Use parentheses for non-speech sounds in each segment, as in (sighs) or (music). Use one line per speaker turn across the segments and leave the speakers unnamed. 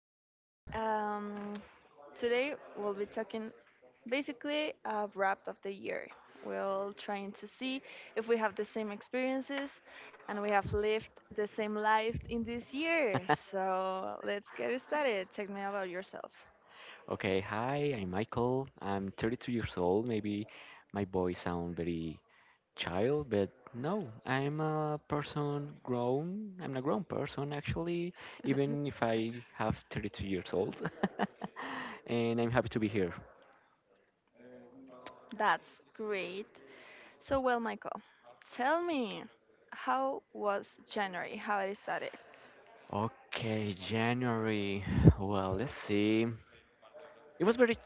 there. Um, Today we'll be talking basically a wrap of the year. We'll trying to see if we have the same experiences and we have lived the same life in this year. So let's get started. Tell me about yourself.
Okay, hi, I'm Michael. I'm 32 years old. Maybe my voice sound very child, but no, I'm a person grown. I'm a grown person actually,
(laughs)
even if I have 32 years old. (laughs) And I'm happy to be here.
That's great. So well, Michael, tell me, how was January? How it started?
Okay, January. (sighs) Well, let's see. It was very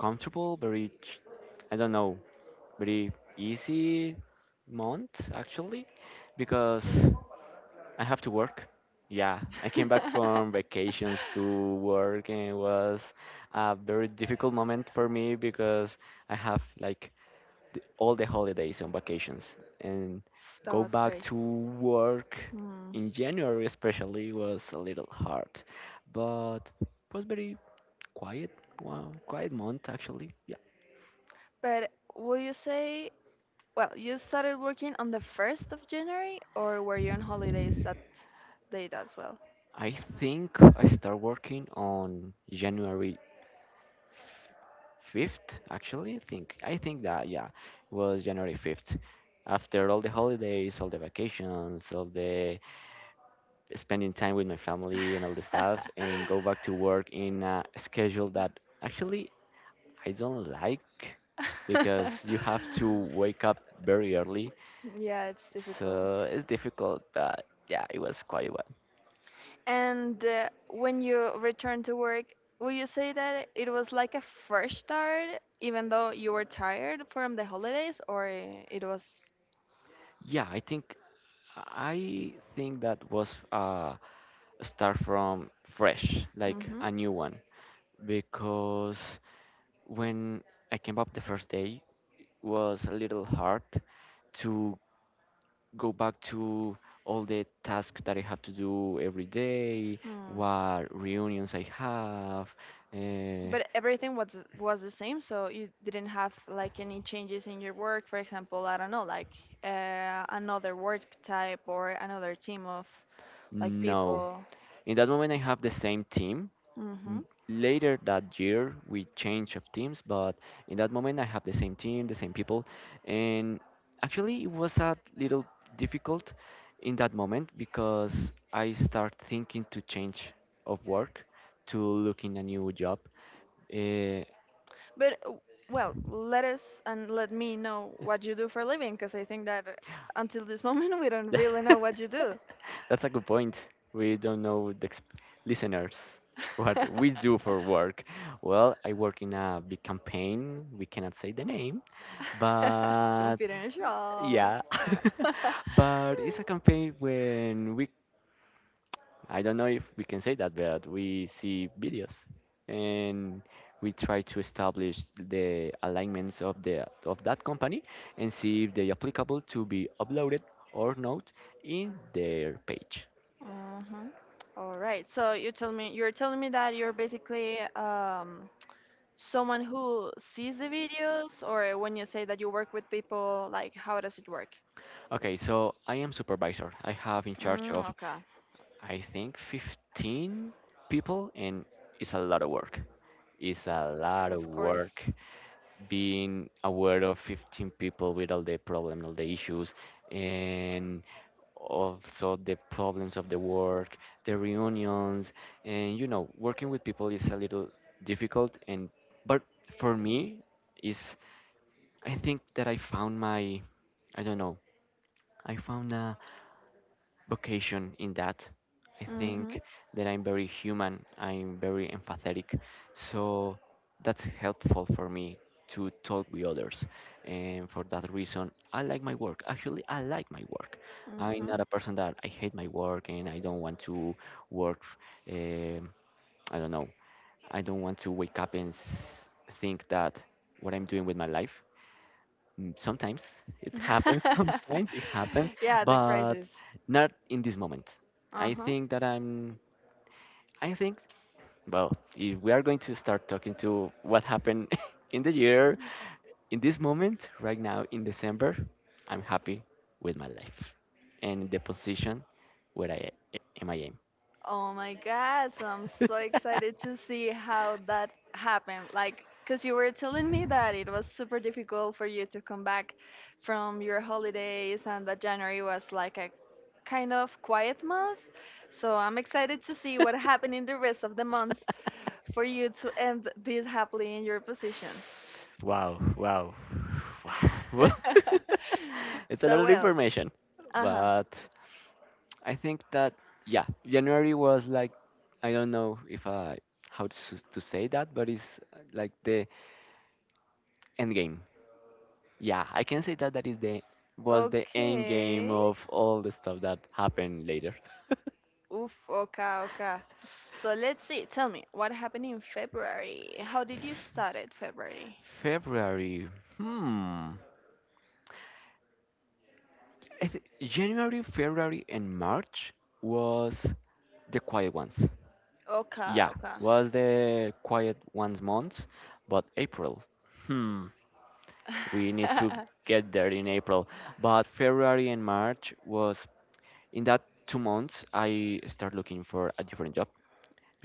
comfortable, very, I don't know, very easy month actually, because I have to work. Yeah, I came
(laughs)
back
That
from vacations to work, and it was a very difficult moment for me because I have like all the holidays on vacations, and go
was
back
great.
to work
Hmm.
in January especially was a little hard, but it was very quiet. Well, quiet month actually. Yeah,
But will you say, well, you started working on the 1st of January, or were you on holidays that date as well?
I think I start working on January 5th actually I think that yeah it was January 5th, after all the holidays, all the vacations, all the spending time with my family and all the stuff, and go back to work in a schedule
(laughs)
that actually I don't like because you have to wake up very early.
Yeah, it's difficult.
So it's difficult, but yeah, it was quite well.
And when you returned to work, will you say that it was like a fresh start, even though you were tired from the holidays, or it was?
Yeah, I think that was a start from fresh, like
Mm-hmm.
a new one, because when I came up the first day, was a little hard to go back to all the tasks that I have to do every day,
Hmm.
what reunions I have. Uh,
But everything was the same, so you didn't have like any changes in your work. For example, I don't know, like another work type or another team of like
no,
people.
in that moment I have the same team.
Hmm.
M- Later that year, we changed of teams, but in that moment, I have the same team, the same people, and actually, it was a little difficult in that moment because I start thinking to change of work, to look in a new job. Uh,
But well, let us and let me know what you do for a living, because I think that until this (laughs) moment we don't really know what you do.
(laughs) That's a good point. We don't know the listeners what we do for
(laughs)
work. Well, I work in a big campaign. We cannot say the name, but
Confidential.
yeah, (laughs)
Ah.
but it's a campaign when
(laughs)
we, I don't know if we can say that, but we see videos and we try to establish the alignments of the of that company and see if they are applicable to be uploaded or not in their page.
Uh-huh. All right. So you tell me, you're telling me that you're basically someone who sees the videos, or when you say that you work with people, like how does it work?
Okay, so I am supervisor. I have in charge
Mm,
of,
okay.
I think, 15 people, and it's a lot of work. It's a lot of
Of
work.
course.
Being aware of 15 people with all the problem, all the issues, and also the problems of the work, the reunions, and you know, working with people is a little difficult. And but for me, is, I think that I found my, I don't know, I found a vocation in that. I
Mm-hmm.
think that I'm very human, I'm very empathetic, so that's helpful for me to talk with others. And for that reason, I like my work. Actually, I like my work. I'm
Mm-hmm.
not a person that I hate my work and I don't want to work. Um, I don't know. I don't want to wake up and think that what I'm doing with my life. Mm, sometimes it happens, (laughs) sometimes
(laughs)
it happens,
Yeah, the
but
crisis.
not in this moment. I
Uh-huh.
think that I'm, I think, well, if we are going to start talking to what happened (laughs) in the year, in this moment, right now in December, I'm happy with my life and the position where I am.
Oh my god, so I'm so excited to see how that happened. Like, because you were telling me that it was super difficult for you to come back
(laughs)
from your holidays and that January was like a kind of quiet month. So I'm excited to see what happened in the rest of the months for you to end this happily in your
(laughs)
position.
Wow, wow, wow. (laughs) Well, (laughs)
(laughs)
it's a lot
So,
of
well,
information,
uh huh.
but I think that yeah, January was like, I don't know if I how to to say that, but it's like the end game. Yeah, I can say that that is the was the end game
Okay.
of all the stuff that happened later.
Oof, okay, okay. So let's see. Tell me, what happened in February? How did you
(laughs)
start it, February?
February. Hmm. January, February, and March was the quiet ones.
Okay,
Yeah,
okay.
was the quiet ones months, but April, hmm, we need to
(laughs)
get there in April. But February and March was, in that 2 months I start looking for a different job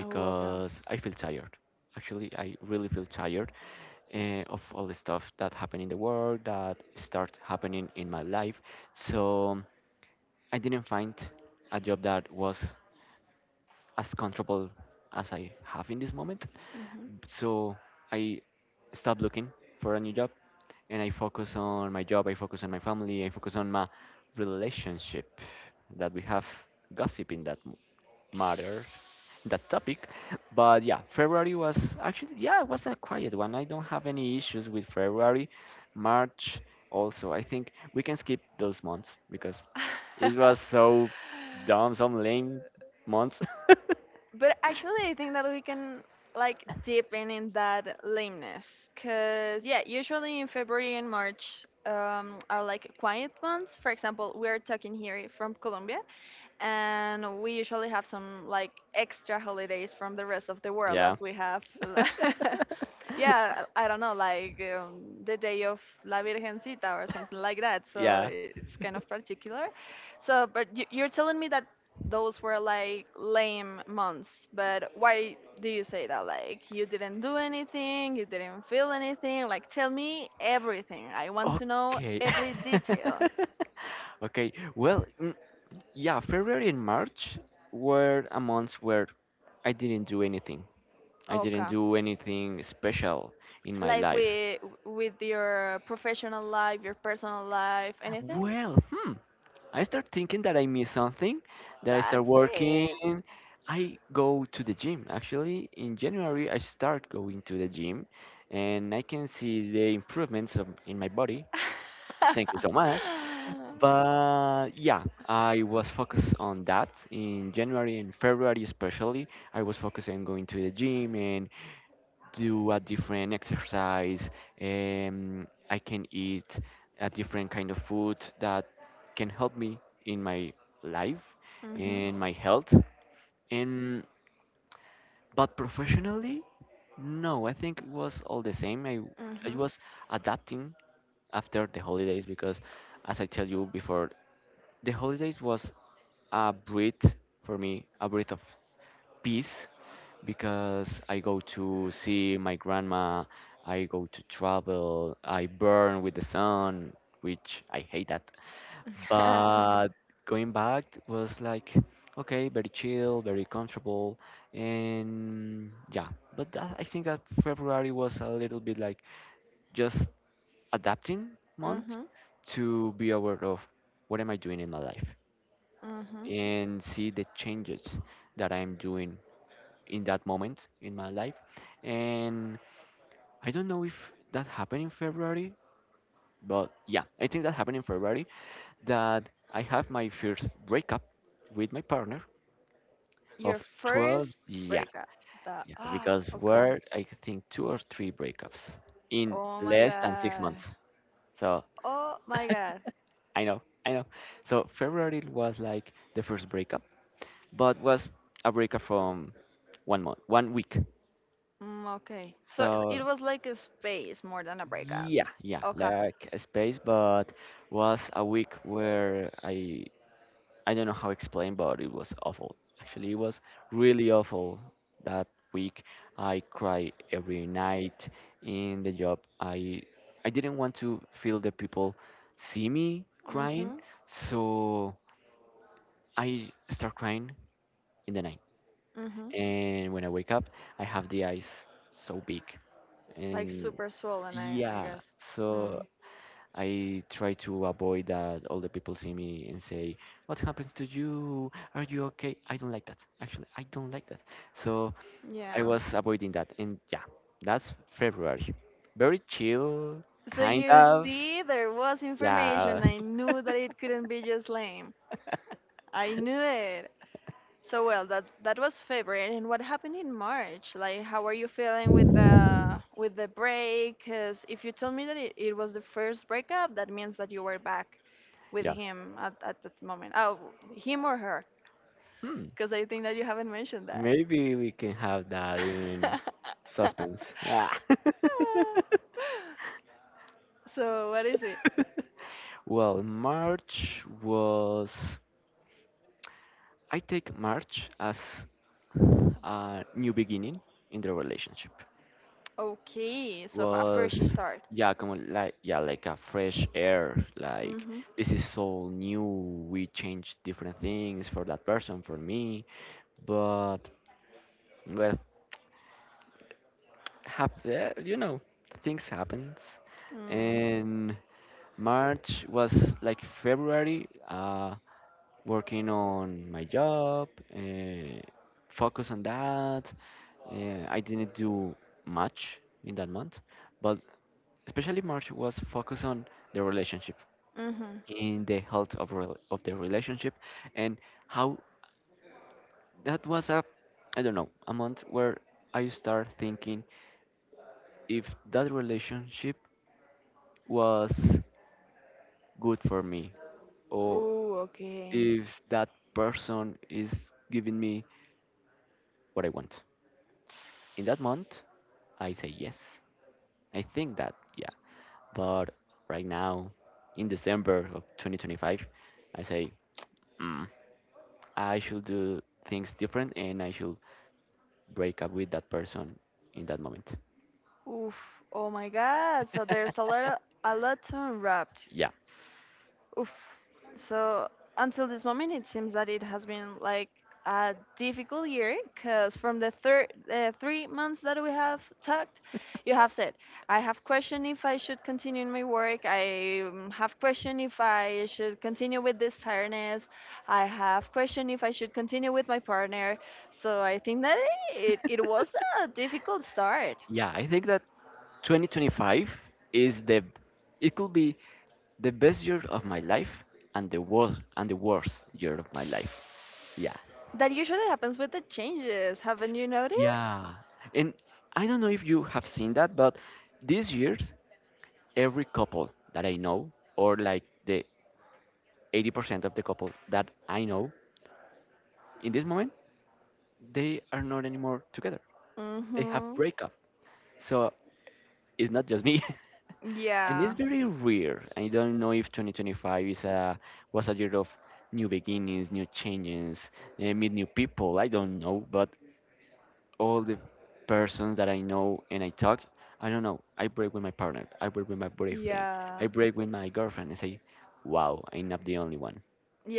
Oh, okay.
I feel tired. Actually, I really feel tired of all the stuff that happened in the world, that start happening in my life. So I didn't find a job that was as comfortable as I have in this moment.
Hmm.
So I stopped looking for a new job and I focus on my job, I focus on my family, I focus on my relationship that we have gossip in that matter, that topic. But yeah, February was actually yeah, it was a quiet one. I don't have any issues with February. March also. I think we can skip those months because it was
(laughs)
so dumb, some lame months. (laughs)
But actually, I think that we can like deepen in that lameness, cause yeah, usually in February and March are like quiet months. For example, we are talking here from Colombia. And we usually have some like extra holidays from the rest of the world
Yeah.
as we have
(laughs)
(laughs) yeah, I don't know, like the day of la virgencita or something like that, so
Yeah.
I- it's kind of particular. So but y- you're telling me that those were like lame months, but why do you say that? Like you didn't do anything, you didn't feel anything? Like tell me everything, I want to know
Okay.
every
(laughs)
detail.
Okay. Well, mm, yeah, February and March were a months where I didn't do anything. I didn't
Okay,
do anything special in my
like
life.
with your professional life, your personal life, anything?
Well, hmm, I start thinking that I miss something, that I start
That's
working.
it.
I go to the gym. Actually, in January, I start going to the gym and I can see the improvements of, in my body. Thank you so much.
(laughs)
But yeah, I was focused on that in January and February especially. I was focused on going to the gym and do a different exercise. I can eat a different kind of food that can help me in my life
Mhm.
and my health. And but professionally, no, I think it was all the same. I
Mhm.
was adapting after the holidays because, as I tell you before, the holidays was a breath for me, a breath of peace, because I go to see my grandma, I go to travel, I burn with the sun, which I hate that.
(laughs)
But going back was like, okay, very chill, very comfortable, and yeah. But that, I think that February was a little bit like just adapting month,
Mhm.
to be aware of what am I doing in my life
Mhm.
and see the changes that I'm doing in that moment in my life. And I don't know if that happened in February, but yeah, I think that happened in February that I have my first breakup with my partner
Your
of
first
12. Yeah,
breakup. The
yeah,
ah
because
okay.
we're, I think, two or three breakups in
Oh my
less than six
god.
months. So
Oh my god.
I know, I know. So February was like the first breakup, but was a breakup from one month, one week.
Mm, okay. So it
So
it was like a space more than a breakup.
yeah, yeah,
Okay.
like a space, but was a week where I don't know how to explain, but it was awful. Actually, it was really awful that week. I cried every night in the job. I didn't want to feel the people see me crying,
Mhm.
so I start crying in the night.
Mhm.
And when I wake up, I have the eyes so big,
Like
and
super swollen, I
yeah,
guess.
so
Mm.
I try to avoid that all the people see me and say, "What happens to you? Are you okay?" I don't like that. Actually, I don't like that. So I
Yeah.
was avoiding that, and yeah, that's February. Very chill,
So
kind
you
of.
see, there was
Yeah,
information. I knew that it couldn't be just lame. I knew it. So well, that that was February. And what happened in March? Like, how are you feeling with the break? Because if you tell me that it was the first breakup, that means that you were back with
yeah.
him at that moment. Oh, him or her?
Hmm.
Because I think that you haven't mentioned that.
Maybe we can have that in
(laughs)
suspense. Ah. (laughs)
So what is it?
Well, March was. I take March as a new beginning in the relationship.
Okay, so f- first you
Was
start.
yeah, como like yeah, like a fresh air. Like
Mhm.
this is all new. We changed different things for that person, for me. But well, have eh, you know things happens,
Mm.
and March was like February. Working on my job, uh, focus on that. I didn't do much in that month, but especially March was focused on the relationship,
Mhm.
in the health of rel of the relationship, and how that was a, I don't know, a month where I start thinking if that relationship was good for me, or
Ooh, okay.
if that person is giving me what I want. In that month, I say yes. I think that, yeah. But right now, in December of 2025, I say, mm, I should do things different and I should break up with that person in that moment.
Oof. Oh my God. So there's a lot to unwrap.
Yeah.
Oof. So until this moment, it seems that it has been like a difficult year because from the third 3 months that we have talked, you have said I have questioned if I should continue in my work. I have questioned if I should continue with this tiredness. I have questioned if I should continue with my partner. So I think that it was
(laughs)
a difficult start.
Yeah, I think that 2025 is the, it could be the best year of my life and the worst year of my life. Yeah.
That usually happens with the changes. Haven't you noticed?
Yeah. And I don't know if you have seen that, but this year every couple that I know, or like the 80% of the couple that I know, in this moment, they are not anymore together. They have
Mm-hmm.
breakup. So it's not just me. (laughs) And it's
Yeah.
very weird. I don't know if 2025 is a, was a year of new beginnings, new changes, eh, meet new people. I don't know, but all the persons that I know and I talk, I don't know. I break with my partner. I break with my boyfriend.
Yeah.
I break with my girlfriend and say, "Wow, I'm not the only one."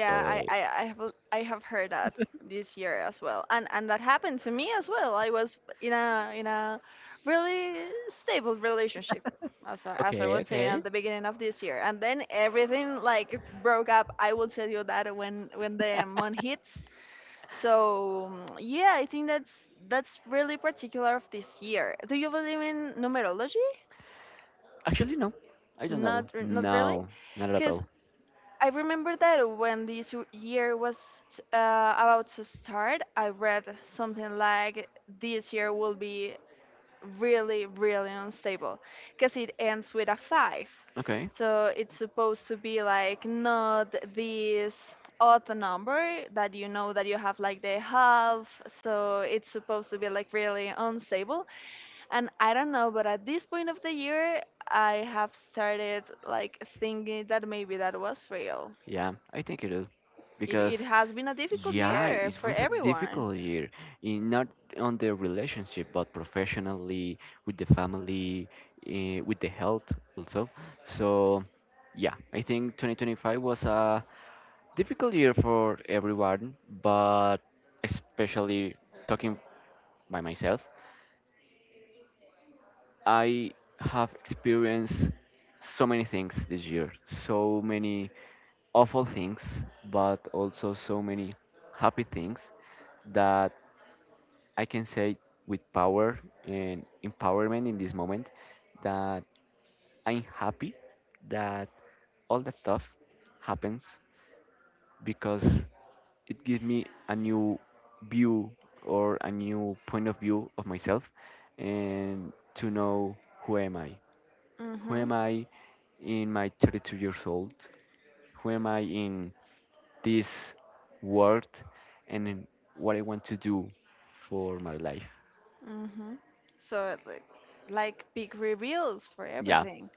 So like,
I have l- I have heard that this year as well, and that happened to me as well. I was in a really stable relationship, as I
okay,
was saying
okay.
at the beginning of this year, and then everything like broke up. I will tell you that when the month hits, so mm, yeah, I think that's really particular of this year. Do you believe in numerology?
Actually, no, I don't
Not
know.
re- not really,
No, not at
because
all.
I remember that when this w- year was about to start, I read something like this year will be really, really unstable because it ends with a five.
Okay.
So it's supposed to be like not this odd number that you know that you have like the half. So it's supposed to be like really unstable. And I don't know, but at this point of the year, I have started like thinking that maybe that was real.
Yeah, I think it is
It
because
has been a difficult
yeah,
year
it
for
was a
everyone.
difficult year in not on the relationship but professionally, with the family, with the health also. So yeah, I think 2025 was a difficult year for everyone, but especially talking by myself, I have experienced so many things this year, so many awful things, but also so many happy things that I can say with power and empowerment in this moment that I'm happy that all that stuff happens because it gives me a new view or a new point of view of myself and to know who am I. Who
Mhm.
am I in my 32 years old? Who am I in this word and in what I want to do for my life.
Mhm. So like big reveals for
Yeah.
everything.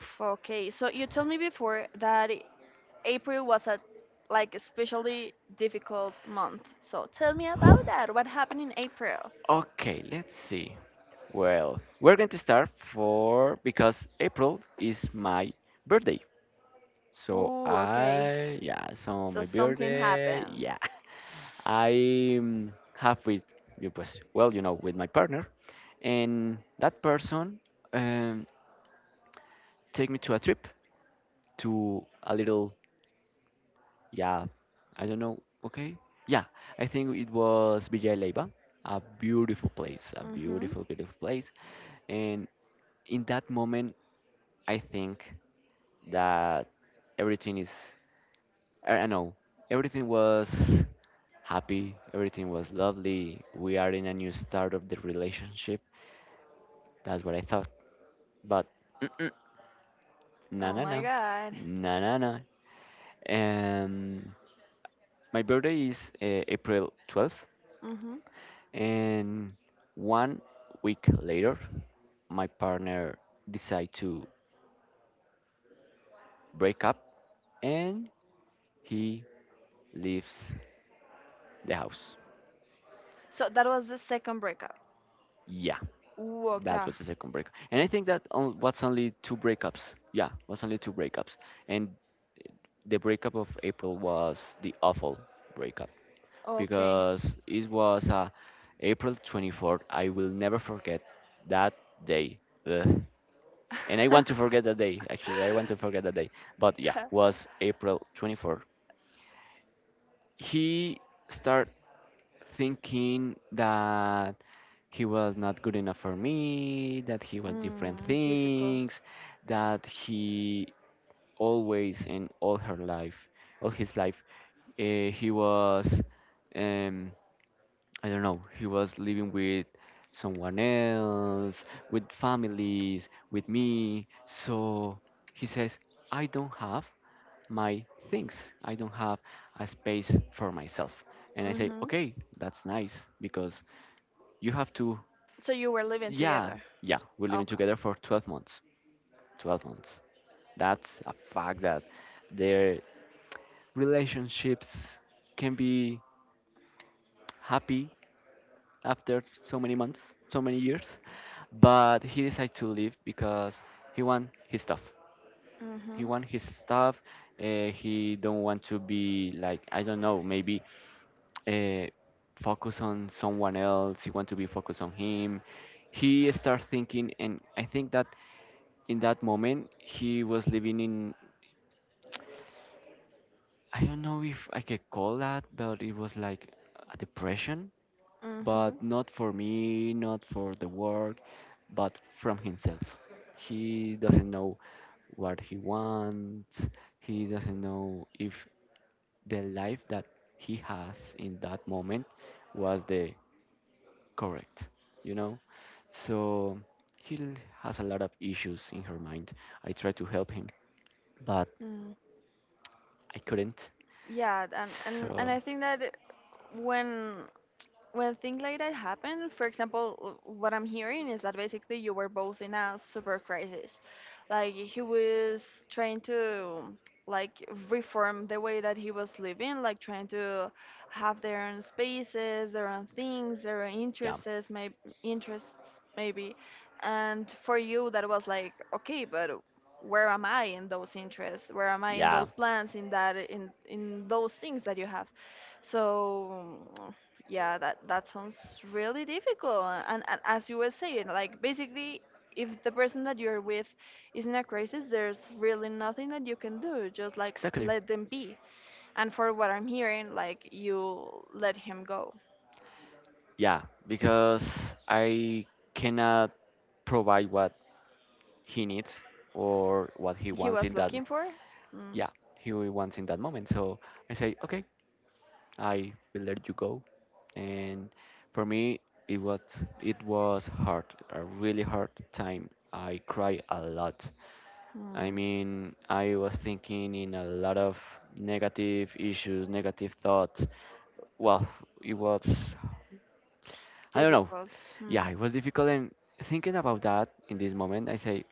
F- Okay, so you told me before that I- April was a like especially difficult month. So tell me about that. What happened in April?
Okay, let's see. Well, we're going to start for because April is my birthday. So
Ooh, okay.
I yeah, so
So
my
something
birthday,
happened.
yeah. (laughs) I have with you was well, with my partner and that person um, take me to a trip to a little Yeah, I don't know. Okay. Yeah, I think it was Villa Leiva, a beautiful place, a
Mhm.
beautiful, beautiful place. And in that moment, I think that everything is, I do know, everything was happy, everything was lovely. We are in a new start of the relationship. That's what I thought. But (clears throat) mm-mm, no,
Oh
no,
my
no,
God.
no, no, no. And my birthday is April 12th.
Mm-hmm.
And 1 week later, my partner decided to break up and he leaves the house.
So that was the second breakup.
Yeah,
Ooh,
that
okay.
was the second breakup. And I think that on, was only two breakups. Yeah, was only two breakups. And the breakup of April was the awful breakup
Okay.
because it was April 24th. I will never forget that day. Ugh. And I want to forget that day. Actually, I want to forget that day. But yeah,
(laughs)
was April 24. He started thinking that he was not good enough for me, that he was different
Mm, difficult.
things, that he always in all her life, all his life, he was. Um, I don't know, he was living with someone else, with families, with me. So he says, I don't have my things. I don't have a space for myself. And I say,
Mm-hmm.
okay, that's nice because you have to,
So you were living
yeah,
together.
yeah. We're living
Okay.
together for 12 months. 12 months. That's a fact that their relationships can be happy after so many months, so many years. But he decided to leave because he want his stuff.
Mm-hmm.
He want his stuff. He don't want to be like I don't know, maybe uh, focus on someone else. He want to be focused on him. He start thinking, and I think that in that moment he was living in I don't know if I could call that, but it was like a depression but
Mm-hmm.
not for me, not for the work, but from himself. He doesn't know what he wants, he doesn't know if the life that he has in that moment was the correct, you know? So he l- has a lot of issues in her mind. I tried to help him, but
Mm.
I couldn't.
Yeah,
So,
and I think that when when things like that happen, for example, w- what I'm hearing is that basically you were both in a super crisis. Like he was trying to like reform the way that he was living, like trying to have their own spaces, their own things, their own
yeah.
interests, maybe interests maybe. And for you that was like, okay, but where am I in those interests? Where am I in
Yeah.
those plans, in that in those things that you have? So yeah, that that sounds really difficult and as you were saying, like basically if the person that you're with is in a crisis, there's really nothing that you can do, just like
Exactly.
let them be. And for what I'm hearing, like you let him go.
Yeah, because I cannot provide what he needs or what he
He
wants in
was
that
looking for mm,
yeah, he wants in that moment. So I say, okay, I will let you go. And for me, it was it was hard, a really hard time. I cried a lot. I
mm,
mean, I was thinking in a lot of negative issues, negative thoughts. Well, it was I don't know.
difficult. Hmm.
Yeah, it was difficult. And thinking about that in this moment, I say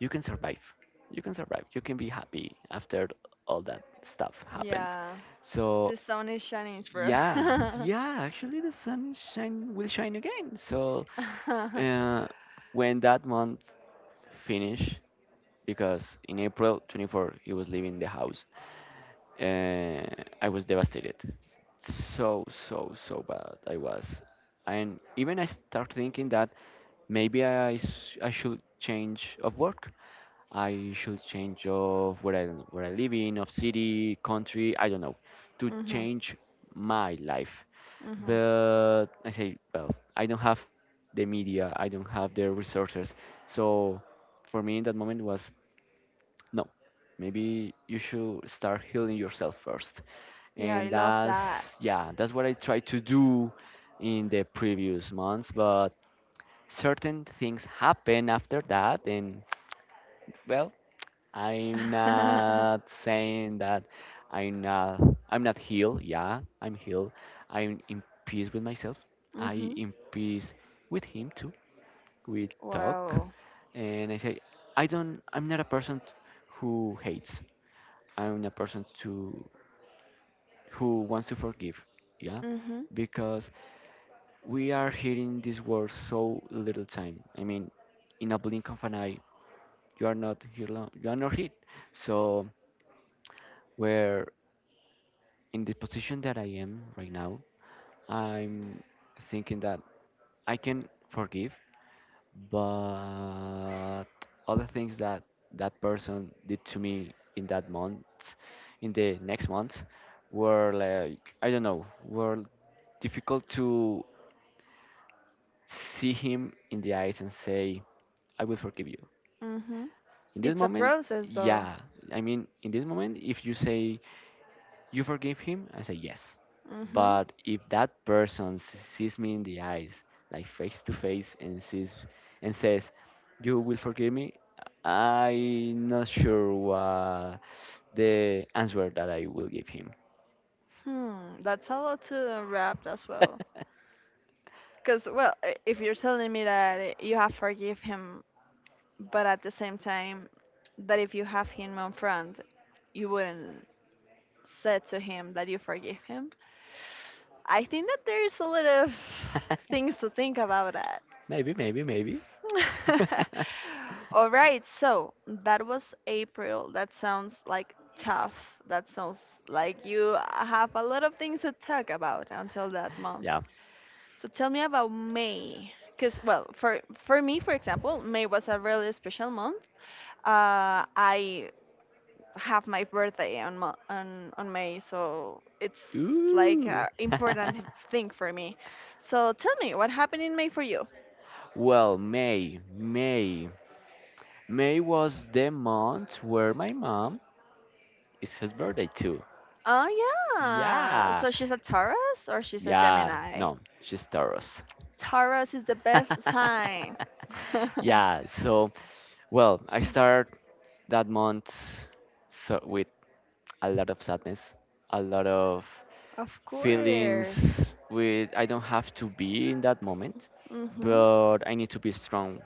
you can survive. You can survive. You can be happy after all that stuff happens.
Yeah.
So
This sound is shining through.
yeah,
(laughs)
yeah, actually the sun shine will shine again. So
Hmm.
uh, when that month finish, because in April 24 he was leaving the house, uh, I was devastated. So, so, so bad I was. And even I start thinking that I should change of work. I should change of where I live in, of city, country, I don't know, to change my life.
Hmm.
But I say, well, I don't have the media, I don't have the resources. So for me in that moment was no, maybe you should start healing yourself first.
Yeah, I
And
love that.
that's, yeah, that's what I tried to do in the previous months, but certain things happen after that. And, well, I'm
(laughs)
not saying that I'm not, I'm not healed. Yeah, I'm healed. I'm in peace with myself. I
Hmm.
in peace with him too. We talk,
Wow.
and I say, I'm not a person who hates. I'm a person to who wants to forgive, yeah,
Hmm.
because we are hearing this word so little time. I mean, in a blink of an eye, you are not here long, you are not hit. So, where in the position that I am right now, I'm thinking that I can forgive but other things that that person did to me in that month in the next month were like I don't know were difficult to see him in the eyes and say I will forgive you
Mm-hmm.
in this
It's a
moment.
process, though.
Yeah, I mean in this moment if you say you forgive him? I say yes.
Mm-hmm.
But if that person sees me in the eyes, like face to face, and sees and says, "You will forgive me," I'm not sure what the answer that I will give him.
Hmm. That's a lot to unwrap as well.
(laughs)
Because, well, I- if you're telling me that you have forgive him, but at the same time, that if you have him on front, you wouldn't say to him that you forgive him. I think that there's a lot of things to think about that.
Maybe, maybe, maybe.
(laughs)
(laughs)
All right, so that was April. That sounds like tough. That sounds like you have a lot of things to talk about until that month.
Yeah.
So tell me about May. Because, well, for me, for example, May was a really special month. I have my birthday on, Mo- on May, so it's like
Ooh.
an
(laughs)
important thing for me. So tell me, what happened in May for you?
Well, May, May. May was the month where my mom it's his birthday too.
Oh yeah.
Yeah.
So she's a Taurus or she's a
Yeah.
Gemini?
No, she's Taurus.
Taurus is the best
(laughs)
sign. (laughs)
Yeah. So, well, I start that month so with a lot of sadness, a lot of
Of course.
feelings with I don't have to be in that moment,
Hmm.
but I need to be strong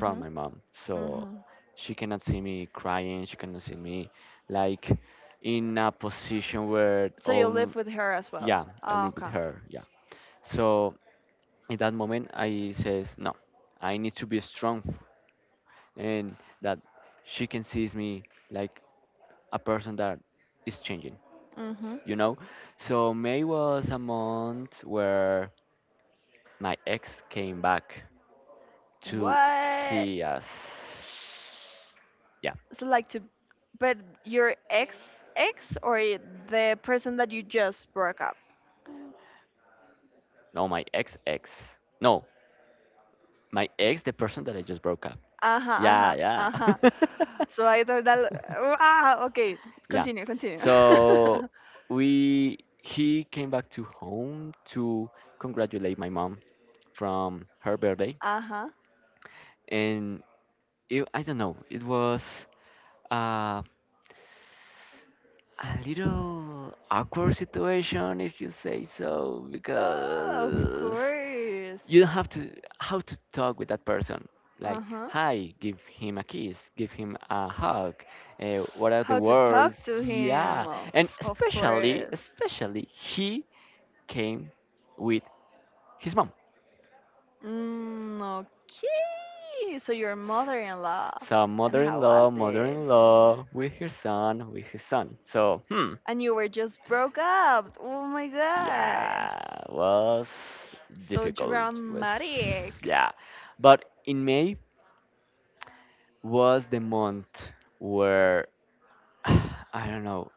from my mom. So
Hmm.
she cannot see me crying, she cannot see me like in a position where
So you
all
live with her as well.
yeah I
Oh,
live with
okay.
her, yeah. So in that moment I says no, I need to be strong and that she can sees me like a person that is changing,
Hmm.
you know. So May was a month where my ex came back to
What?
see
(sighs)
us. Yeah,
So like to, but your ex ex or y- the person that you just broke up?
no my ex ex, no my ex the person that I just broke up.
Uh-huh,
Yeah,
uh-huh,
yeah.
uh-huh.
(laughs)
So I thought that ah okay,
Yeah.
continue, continue. (laughs)
So we he came back to home to congratulate my mom from her birthday.
Uh-huh.
And it, I don't know it was uh, a little awkward situation if you say so
Of
because
course.
you don't have to how to talk with that person, like
Uh-huh.
hi give him a kiss give him a hug, what are the
How to
words.
talk to him?
Yeah, and
Of
especially,
course.
especially he came with his mom.
Mm, okay. So your mother-in-law.
So
And how was
mother-in-law,
it?
mother-in-law with her son with his son, so hmm
And you were just broke up. Oh my god.
yeah, was
So
difficult, was
dramatic.
yeah. But in May was the month where (sighs) I don't know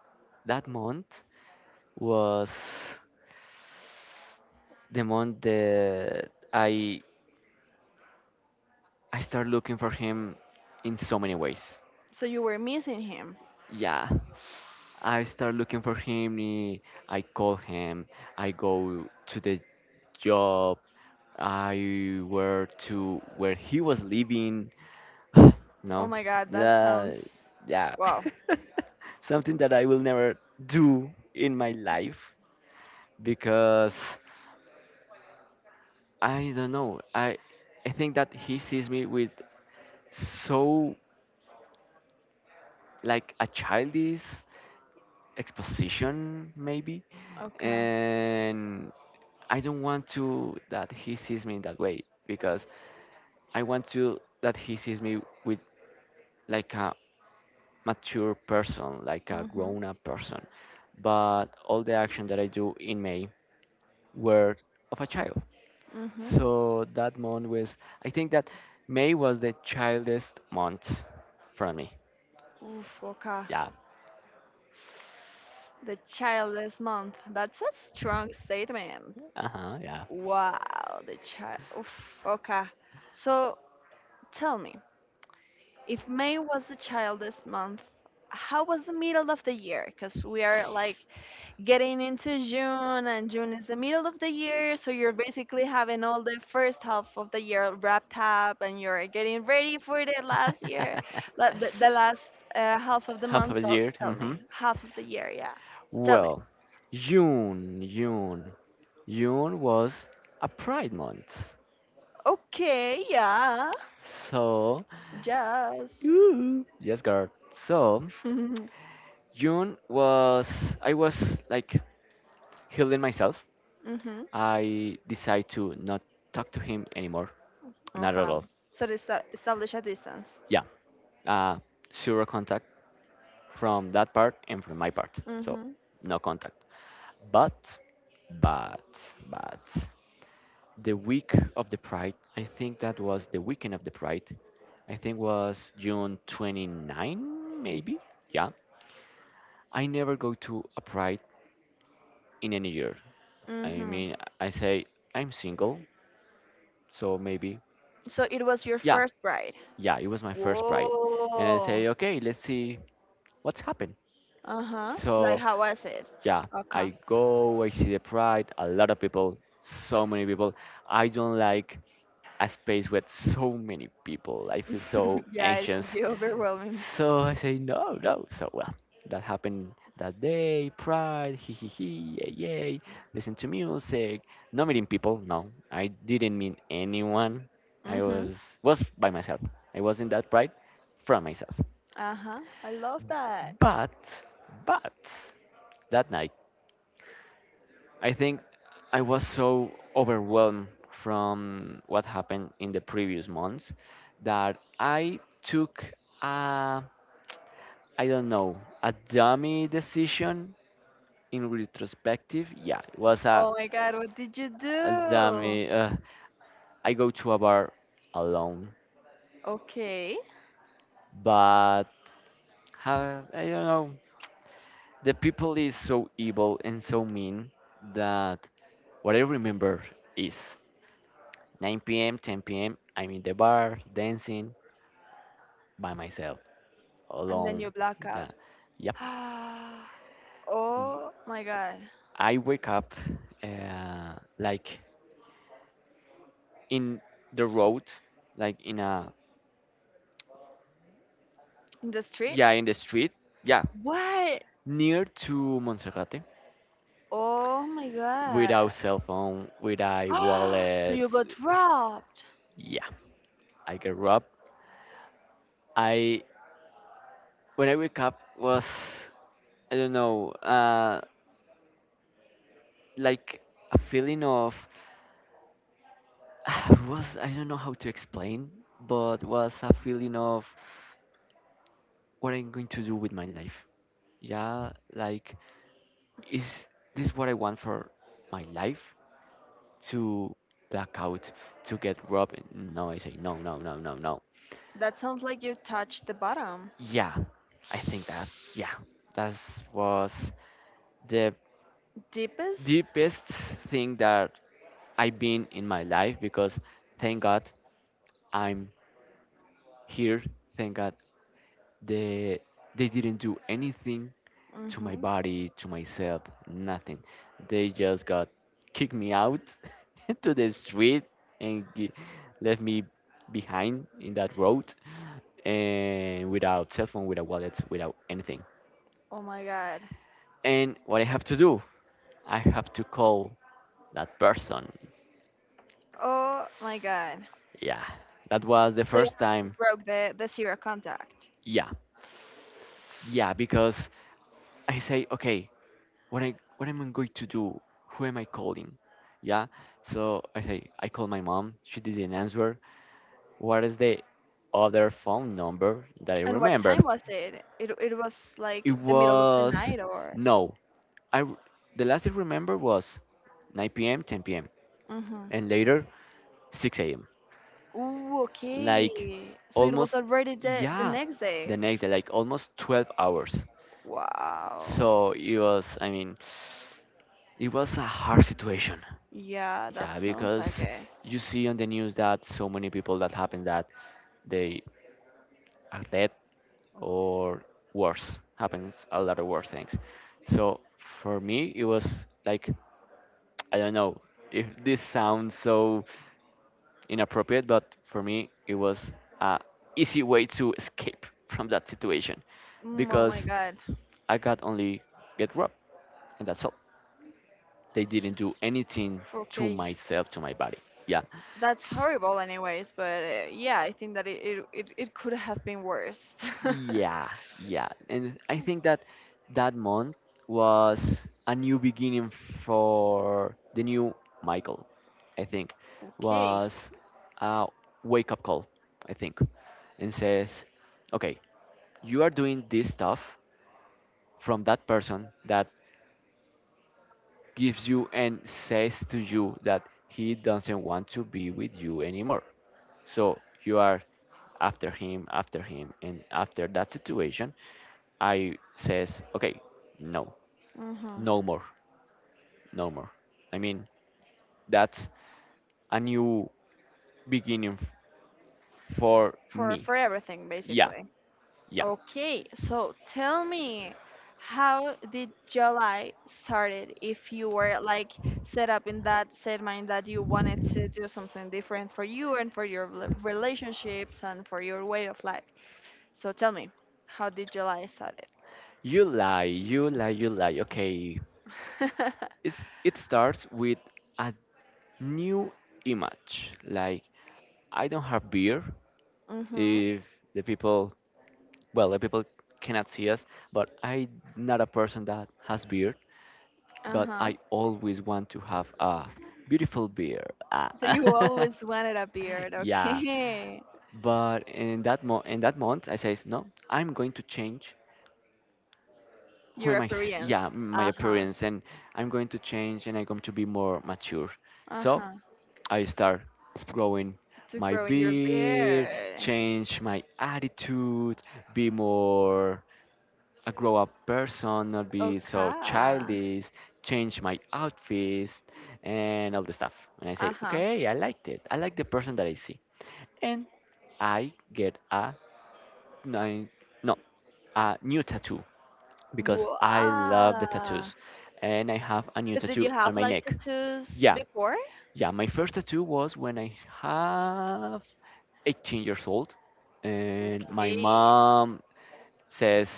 that month was the month that I started looking for him in so many ways.
So you were missing him.
Yeah, I start looking for him. Eh, I call him. I go to the job. I were to where he was living. (sighs)
Oh
No,
my god, that sounds
uh, yeah,
wow.
(laughs) something that I will never do in my life because I don't know. I think that he sees me with so like a childish exposition maybe,
Okay.
and I don't want to that he sees me in that way because I want to that he sees me with like a mature person, like a
Mhm.
grown up person. But all the action that I do in May were of a child.
Mhm.
So that month was, I think that May was the childest month for me.
Oof. Okay.
Yeah. (laughs)
The childless month. That's a strong statement.
Uh huh. Yeah.
Wow. The child. Oof. Okay. So tell me, if May was the childless month, how was the middle of the year? Because we are like getting into June, and June is the middle of the year, so you're basically having all the first half of the year wrapped up, and you're getting ready for the last year, la- the last half of the
(laughs) Half of
month.
a
So
year.
tell
Hmm.
me, half of the year, yeah. So tell me.
Well, June, June, June was a Pride month.
Okay, yeah,
So,
yes.
ooh, yes, girl. So
(laughs) Mhm.
June was I was like healing myself. I decided to not talk to him anymore. Not at
Okay.
all.
So they sta- establish a distance.
Yeah. Uh, zero contact from that part and from my part. So
Mhm.
no contact. But but the week of the Pride, I think that was the weekend of the Pride. I think was June 29 maybe. Yeah. I never go to a Pride in any year. I
Mhm.
mean, I say I'm single, so maybe
So it was your
yeah,
first bride.
yeah, it was my first pride. And I
Whoa.
say, okay, let's see what's happened.
Uh huh. Like
So
how was it?
yeah,
Okay.
I go, I see the pride, a lot of people, so many people. I don't like a space with so many people. I feel so
(laughs) Yeah, it could
anxious.
be overwhelming.
So I say, no, no. So, well, that happened that day. Pride, hee hee hee, yay, yay. Listen to music. No meeting people. No, I didn't meet anyone. I
Mm-hmm.
was by myself. I was in that pride from myself.
Uh-huh. I love that.
But, but that night, I think I was so overwhelmed from what happened in the previous months that I took a I don't know a dummy decision in retrospective, yeah, it was a,
Oh my God, what did you
damn
do?
it. I go to a bar alone,
Okay.
but how, I don't know. The people is so evil and so mean that what I remember is 9 p.m., 10 p.m. I'm in the bar dancing by myself
And then you
alone.
black out.
Yeah, yep.
(sighs) Oh my God.
I wake up uh, like, in the road, like in a
In the street?
yeah, in the street. Yeah,
What?
near to Monserrate,
Oh my God.
without cell phone, without
(gasps) So
wallet.
you got robbed.
Yeah, I grew up. I when I wake up was, I don't know, like, a feeling of (sighs) was, I don't know how to explain, but was a feeling of what I'm going to do with my life. Yeah, like, is this what I want for my life? To black out, to get robbed? No, I say no, no, no, no, no.
That sounds like you touched the bottom.
Yeah, I think that, yeah, that was the
(sighs) Deepest?
deepest thing that I've been in my life, because thank God I'm here. Thank God they they didn't do anything to my
Mm-hmm.
body, to myself, nothing. They just got kicked me out (laughs) to the street, and left me behind in that road, and without cell phone, without wallets, without anything.
Oh my God.
And what I have to do? I have to call that person.
Oh my God.
Yeah, that was the
So
first
you
time.
broke the zero contact.
Yeah, yeah, because I say, okay, what am I going to do? Who am I calling? Yeah, so I say I call my mom. She didn't answer. What is the other phone number that I
And what
remember?
time was it? It was
It
like the middle of the
was
night or
no. I r- the last I remember was 9 p.m., 10 p.m.,
mm-hmm.
and later 6 a.m.,
Ooh,
like,
okay. So it was
almost,
already the
yeah,
next
the
day.
next day, like almost 12 hours.
Wow.
So it was, I mean, it was a hard situation.
Yeah, that
Yeah,
sounds like
because
it.
you see on the news that so many people that happen that they are dead, or worse, happens a lot of worse things. So for me it was, like, I don't know if this sounds so inappropriate, but for me it was a easy way to escape (laughs) from that situation,
Mm, oh my
because
God.
I got only get robbed, and that's all. They didn't do anything to
Okay.
myself, to my body. Yeah.
That's
S-
horrible anyways, but yeah, I think that it could have been worse. (laughs)
yeah, yeah. And I think that that month was a new beginning for the new Michael, I think,
Okay.
was a wake up call, I think, and says, okay, you are doing this stuff from that person that gives you and says to you that he doesn't want to be with you anymore. So you are after him, and after that situation, I says, okay, no,
Mm-hmm.
no more, no more. I mean, that's a new beginning for me.
For everything
Yeah,
basically.
yeah.
Okay, so tell me, how did your life started if you were like set up in that set mind that you wanted to do something different for you and for your rela- relationships and for your way of life? So tell me, how did your life started?
You lie, you lie, you lie. Okay,
(laughs)
it starts with a new image. Like, I don't have beer.
Mm-hmm.
If the people, well, the people cannot see us, but I'm not a person that has beer. But
Uh-huh.
I always want to have a beautiful beer. Ah.
So you always wanted a beard,
(laughs) Yeah.
okay.
But in that month, I says no. I'm going to change,
(laughs)
who
Your
am I? Yeah,
appearance.
my
Uh-huh.
appearance, and I'm going to change, and I'm going to be more mature. So
Uh-huh.
I start growing
To
my
grow in your
beard,
beard.
change my attitude, be more a grow up person, not be so
Okay.
childish, change my outfits and all the stuff. And I say,
Uh-huh.
okay, I liked it. I like the person that I see. And I get a nine, no, a new tattoo, because I love the
Wow.
tattoos. And I have a new
But did you
tattoo on
have
my
like
neck.
tattoos
Yeah,
before?
yeah, my first tattoo was when I have 18 years old, and my
Okay.
mom says,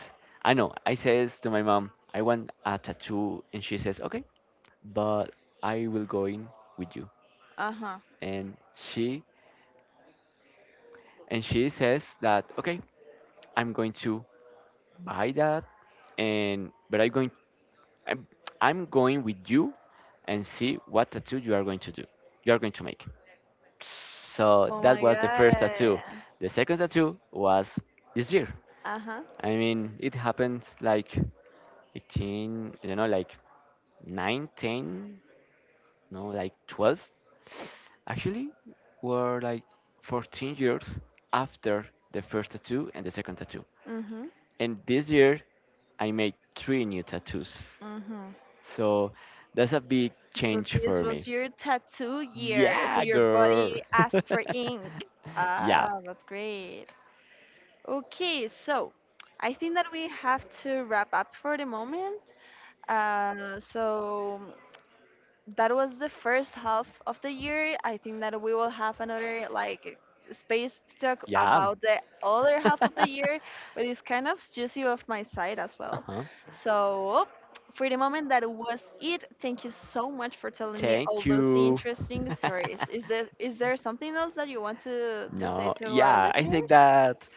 I know, I says to my mom, I want a tattoo, and she says, okay, but I will go in with you.
Uh-huh.
And she and she says that, okay, I'm going to buy that, and but I'm, I'm going with you, and see what tattoo you are going to do, you are going to make. So
Oh
that
my
was the first tattoo.
god.
The second tattoo was this year.
Uh-huh.
I mean, it happened like 18, I don't know, like 9, 10, no, like 12. Actually, were like 14 years after the first tattoo and the second tattoo.
Mm-hmm.
And this year, I made three new tattoos.
Mm-hmm.
So that's a big
So
change
this
for me.
was your tattoo year. So
Yeah,
your
girl.
body asked for ink.
(laughs) Yeah.
Ah, that's great. Okay, so I think that we have to wrap up for the moment. So that was the first half of the year. I think that we will have another like space to talk
Yeah.
about the other half of the
(laughs)
year, but it's kind of juicy of my side as well.
Uh-huh.
So for the moment, that was it. Thank you so much for telling me all
Thank
those
you.
interesting
(laughs)
stories. Is there something else that you want to say
No,
to our
yeah, I think
listeners?
that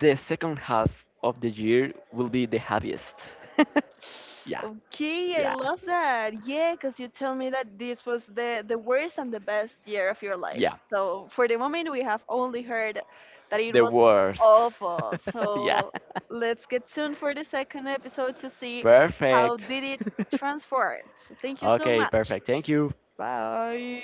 the second half of the year will be the happiest. (laughs) Yeah,
Okay, I
yeah,
love that. Yeah, because you tell me that this was the worst and the best year of your
yeah.
life. So for the moment, we have only heard that it
The
was
worst.
awful.
(laughs) Yeah.
So let's get tuned for the second episode to see how
Perfect.
did it
(laughs)
transform. So thank you so
Okay,
much.
perfect. Thank you.
Bye.